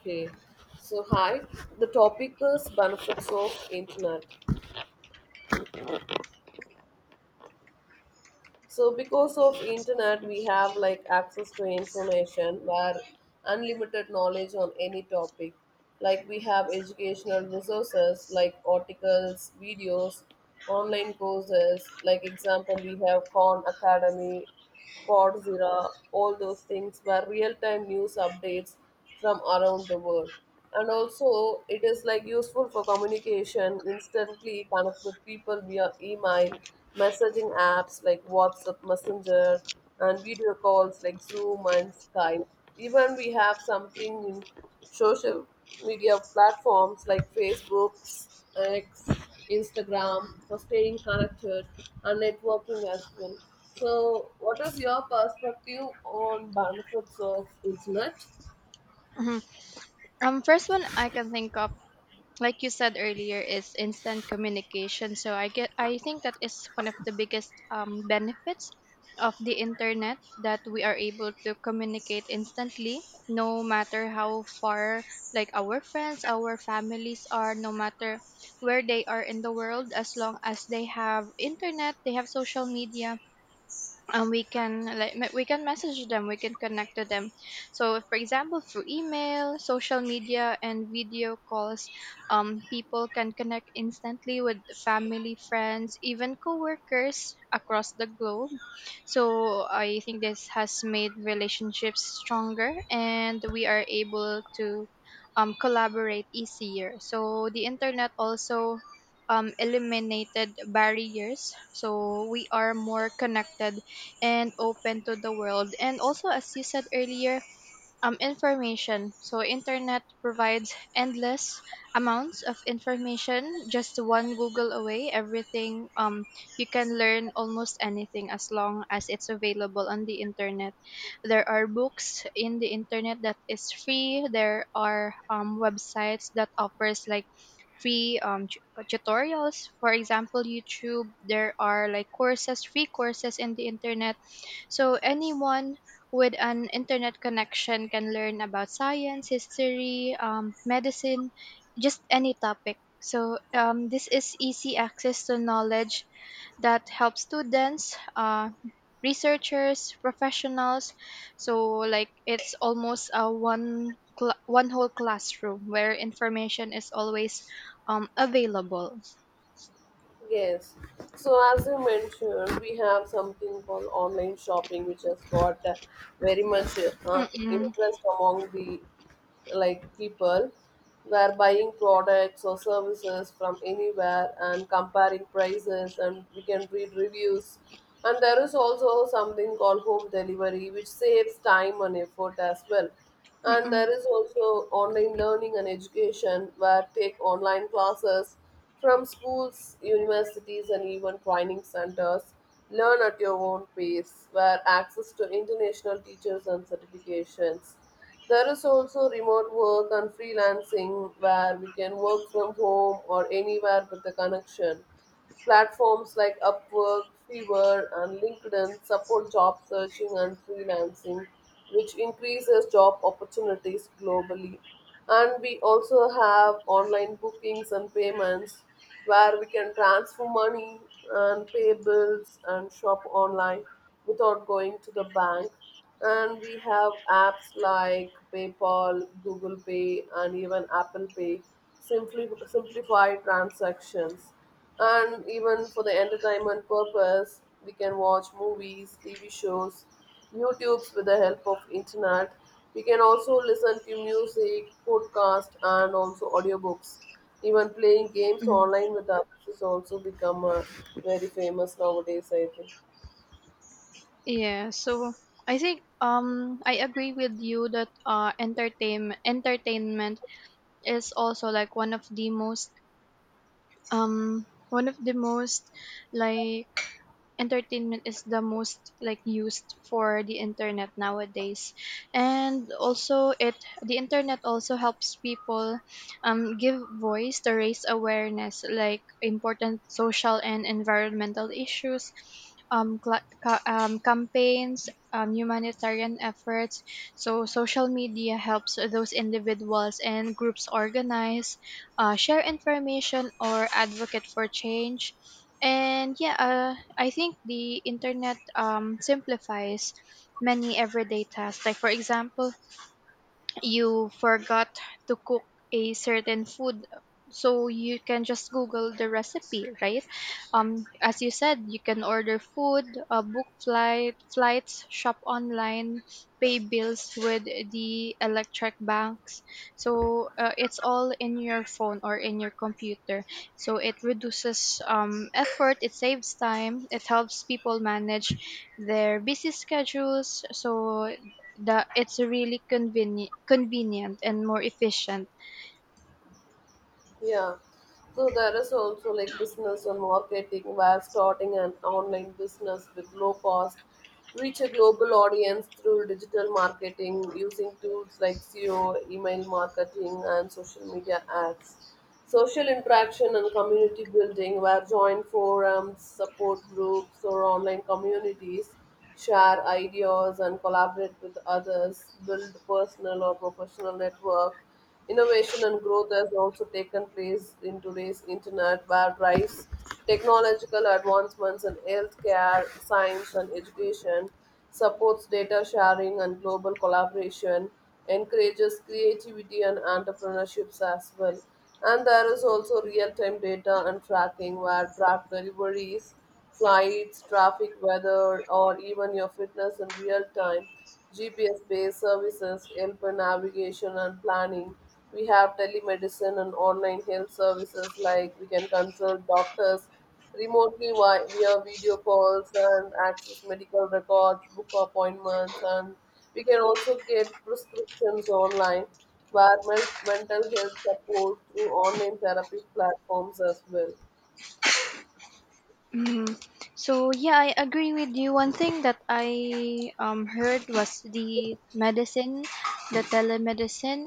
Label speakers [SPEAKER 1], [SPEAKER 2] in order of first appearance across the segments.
[SPEAKER 1] Okay, so hi. The topic is benefits of internet. So because of internet, we have like access to information where unlimited knowledge on any topic. Like we have educational resources like articles, videos, online courses. Like example, we have Khan Academy Podzilla, all those things were real-time news updates from around the world. And also, it is like useful for communication, instantly connect with people via email, messaging apps like WhatsApp, Messenger, and video calls like Zoom and Skype. Even we have something in social media platforms like Facebook, X, Instagram for staying connected and networking as well. So, what is your perspective on benefits of internet?
[SPEAKER 2] Mhm. First one I can think of, like you said earlier, is instant communication. I think that is one of the biggest benefits of the internet, that we are able to communicate instantly, no matter how far, like our friends, our families are, no matter where they are in the world. As long as they have internet, they have social media, we can we can message them, we can connect to them. So, for example, through email, social media, and video calls, people can connect instantly with family, friends, even coworkers across the globe. So I think this has made relationships stronger, and we are able to collaborate easier. So the internet also eliminated barriers, so we are more connected and open to the world. And also, as you said earlier, information. So internet provides endless amounts of information, just one Google away. Everything You can learn almost anything as long as it's available on the internet. There are books in the internet that is free. There are websites that offers like free tutorials, for example YouTube. There are like courses, free courses in the internet. So anyone with an internet connection can learn about science, history, medicine, just any topic. So this is easy access to knowledge that helps students, researchers, professionals. So like it's almost a one whole classroom where information is always available.
[SPEAKER 1] Yes. So as you mentioned, we have something called online shopping, which has got very much
[SPEAKER 2] Mm-mm,
[SPEAKER 1] interest among the, like, people were buying products or services from anywhere and comparing prices, and we can read reviews. And there is also something called home delivery, which saves time and effort as well. And
[SPEAKER 2] mm-mm,
[SPEAKER 1] there is also online learning and education, where take online classes from schools, universities, and even training centers, learn at your own pace, where access to international teachers and certifications. There is also remote work and freelancing, where we can work from home or anywhere with a connection. Platforms like Upwork, Fiverr, and LinkedIn support job searching and freelancing, which increases job opportunities globally. And we also have online bookings and payments, where we can transfer money and pay bills and shop online without going to the bank. And we have apps like PayPal, Google Pay, and even Apple Pay simply simplify transactions. And even for the entertainment purpose, we can watch movies, tv shows, youtubes with the help of internet. We can also listen to music, podcast, and also audiobooks. Even playing games
[SPEAKER 2] mm.
[SPEAKER 1] online with others has also become very famous nowadays, I think.
[SPEAKER 2] Yeah, so I think I agree with you that uh, entertainment is also like one of the most, one of the most, like, entertainment is the most like used for the internet nowadays. And also it the internet also helps people give voice to raise awareness, like important social and environmental issues, campaigns, humanitarian efforts. So social media helps those individuals and groups organize, share information or advocate for change. And yeah, I think the internet simplifies many everyday tasks. Like, for example, you forgot to cook a certain food, so you can just google the recipe, right? As you said, you can order food, book flight flights, shop online, pay bills with the electric banks. So it's all in your phone or in your computer. So it reduces effort, it saves time, it helps people manage their busy schedules, so that it's really convenient and more efficient.
[SPEAKER 1] Yeah. So there is also like business and marketing, where starting an online business with low cost, reach a global audience through digital marketing using tools like SEO, email marketing and social media ads. Social interaction and community building, where join forums, support groups or online communities, share ideas and collaborate with others, build personal or professional network. Innovation and growth has also taken place in today's internet, where rise technological advancements in healthcare, science, and education supports data sharing and global collaboration, encourages creativity and entrepreneurships as well. And there is also real-time data and tracking, where draft deliveries, flights, traffic, weather, or even your fitness in real time. GPS based services help in navigation and planning. We have telemedicine and online health services, like we can consult doctors remotely via video calls and access medical records, book appointments, and we can also get prescriptions online, where mental health support through online therapy platforms as well.
[SPEAKER 2] Mhm. So yeah, I agree with you. One thing that I heard was the medicine the telemedicine.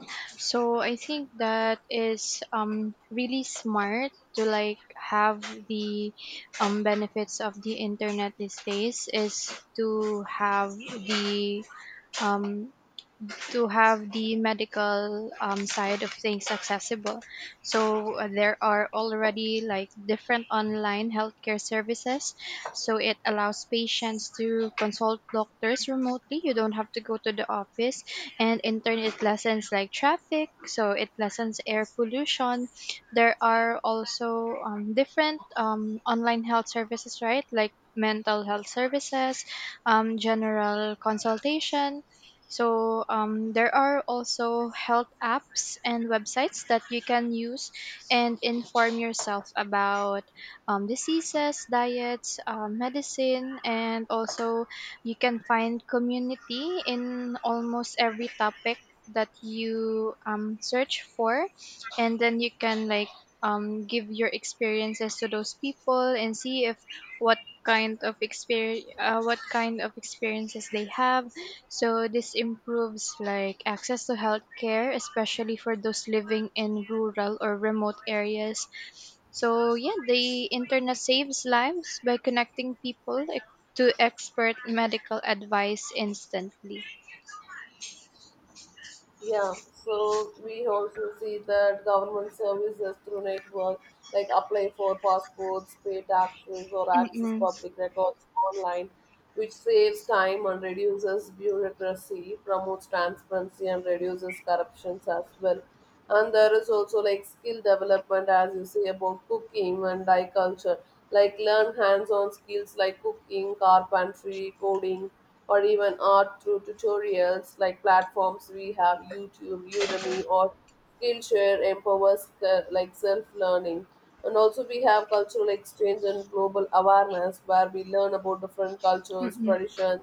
[SPEAKER 2] So I think that is really smart, to like have the benefits of the internet these days, is the um, to have the medical side of things accessible. So there are already like different online healthcare services. So it allows patients to consult doctors remotely. You don't have to go to the office. And in turn, it lessens like traffic. So it lessens air pollution. There are also different online health services, right? Like mental health services, general consultation. So there are also health apps and websites that you can use and inform yourself about diseases, diets, medicine. And also, you can find community in almost every topic that you search for, and then you can like give your experiences to those people and see if what what kind of experiences they have. So this improves like access to healthcare, especially for those living in rural or remote areas. So yeah, the internet saves lives by connecting people to expert medical advice instantly.
[SPEAKER 1] Yeah, so we also see that government services through network, like apply for passports, pay taxes, or access
[SPEAKER 2] Mm-mm.
[SPEAKER 1] public records online, which saves time and reduces bureaucracy, promotes transparency, and reduces corruptions as well. And there is also like skill development, as you say, about cooking and like culture, like learn hands-on skills like cooking, carpentry, coding, or even art through tutorials, like platforms we have youtube, udemy, or skillshare, empowers like self-learning. And also we have cultural exchange and global awareness, where we learn about different cultures,
[SPEAKER 2] Mm-mm.
[SPEAKER 1] traditions,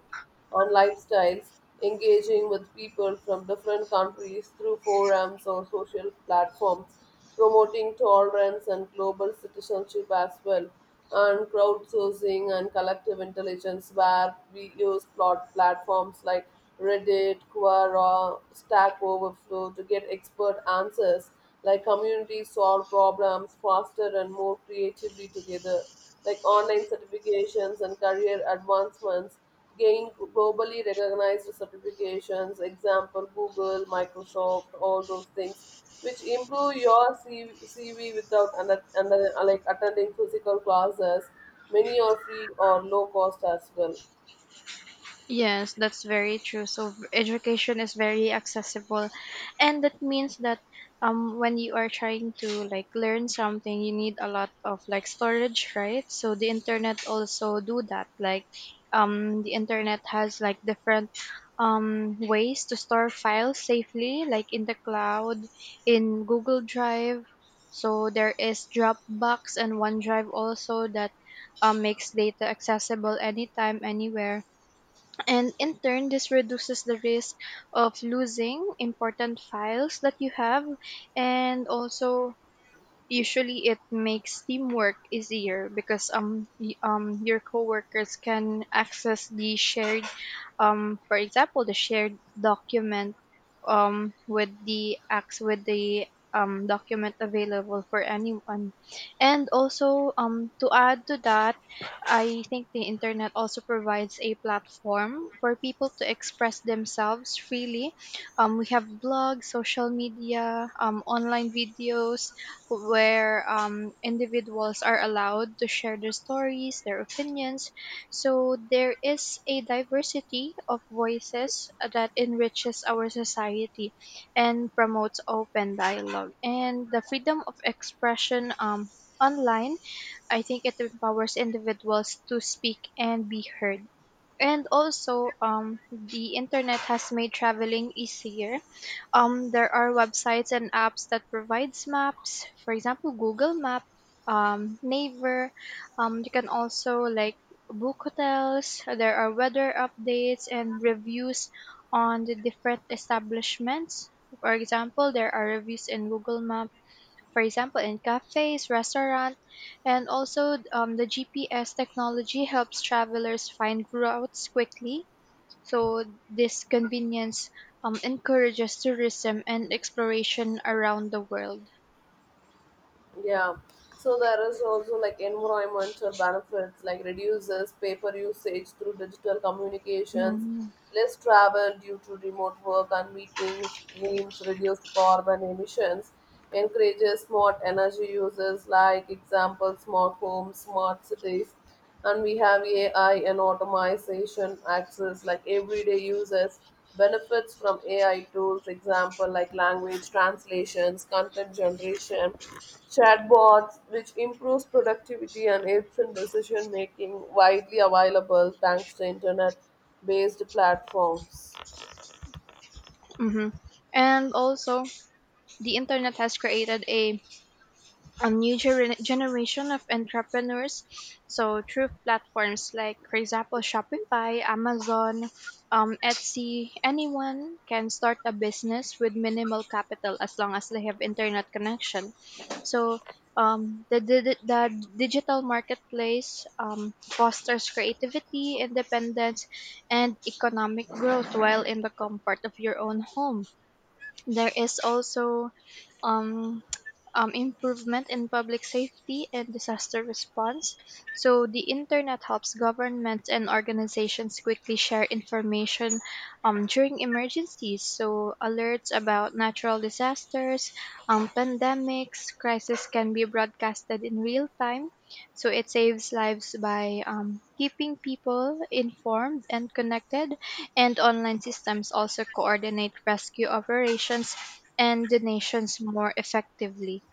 [SPEAKER 1] on lifestyles, engaging with people from different countries through forums or social platforms, promoting tolerance and global citizenship as well, and crowdsourcing and collective intelligence, where we use plot platforms like Reddit, Quora, Stack Overflow to get expert answers. Like communities solve problems faster and more creatively together. Like online certifications and career advancements, gain globally recognized certifications, example Google, Microsoft, all those things, which improve your CV without like attending physical classes, many are free or low cost as well.
[SPEAKER 2] Yes, that's very true. So education is very accessible, and that means that when you are trying to like learn something, you need a lot of like storage, right? So the internet also do that. Like, the internet has like different ways to store files safely, like in the cloud, in Google Drive. So there is Dropbox and OneDrive also that makes data accessible anytime, anywhere. And in turn, this reduces the risk of losing important files that you have. And also, usually, it makes teamwork easier because your coworkers can access the shared, for example, the shared document, with the document available for anyone. And also, to add to that, I think the internet also provides a platform for people to express themselves freely. We have blogs, social media, online videos, where individuals are allowed to share their stories, their opinions. So there is a diversity of voices that enriches our society and promotes open dialogue. And the freedom of expression online, I think it empowers individuals to speak and be heard. And also, the internet has made traveling easier. There are websites and apps that provides maps, for example Google Map, Naver. You can also like book hotels. There are weather updates and reviews on the different establishments. For example, there are reviews in Google Map, for example in cafes, restaurant. And also, the GPS technology helps travelers find routes quickly. So this convenience encourages tourism and exploration around the world.
[SPEAKER 1] Yeah. So there is also like environmental benefits, like reduces paper usage through digital communications,
[SPEAKER 2] Mhm.
[SPEAKER 1] less travel due to remote work and meetings, means reduced carbon emissions, encourages smart energy uses, like example smart homes, smart cities. And we have AI and automation access, like everyday users benefits from AI tools, example like language translations, content generation, chatbots, which improves productivity and aids in decision making, widely available thanks to internet based platforms.
[SPEAKER 2] Hmm. And also, the internet has created a new generation of entrepreneurs. So through platforms like, for example, Shopify, Amazon, Etsy, anyone can start a business with minimal capital as long as they have internet connection. So the digital marketplace fosters creativity, independence, and economic growth while in the comfort of your own home. There is also um, improvement in public safety and disaster response. So the internet helps governments and organizations quickly share information during emergencies. So alerts about natural disasters, pandemics, crisis can be broadcasted in real time. So it saves lives by keeping people informed and connected, and online systems also coordinate rescue operations and donations more effectively.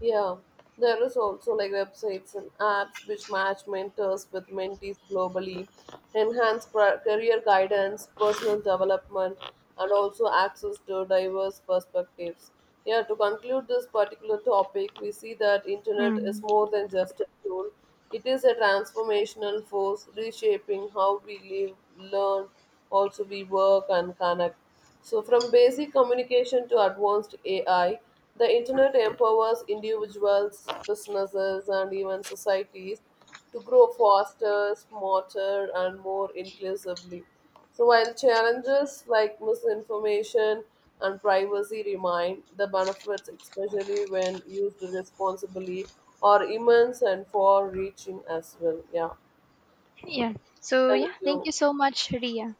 [SPEAKER 1] Yeah, there is also like websites and apps which match mentors with mentees globally, enhance career guidance, personal development, and also access to diverse perspectives. Yeah, to conclude this particular topic, we see that internet is
[SPEAKER 2] Hmm.
[SPEAKER 1] more than just a tool. It is a transformational force reshaping how we live, learn, also we work and connect. So, from basic communication to advanced AI, the internet empowers individuals, businesses, and even societies to grow faster, smarter, and more inclusively. So, while challenges like misinformation and privacy remain, the benefits, especially when used responsibly, are immense and far reaching as well. Yeah.
[SPEAKER 2] Yeah. So
[SPEAKER 1] Thank
[SPEAKER 2] yeah, thank
[SPEAKER 1] you.
[SPEAKER 2] you so much, Ria.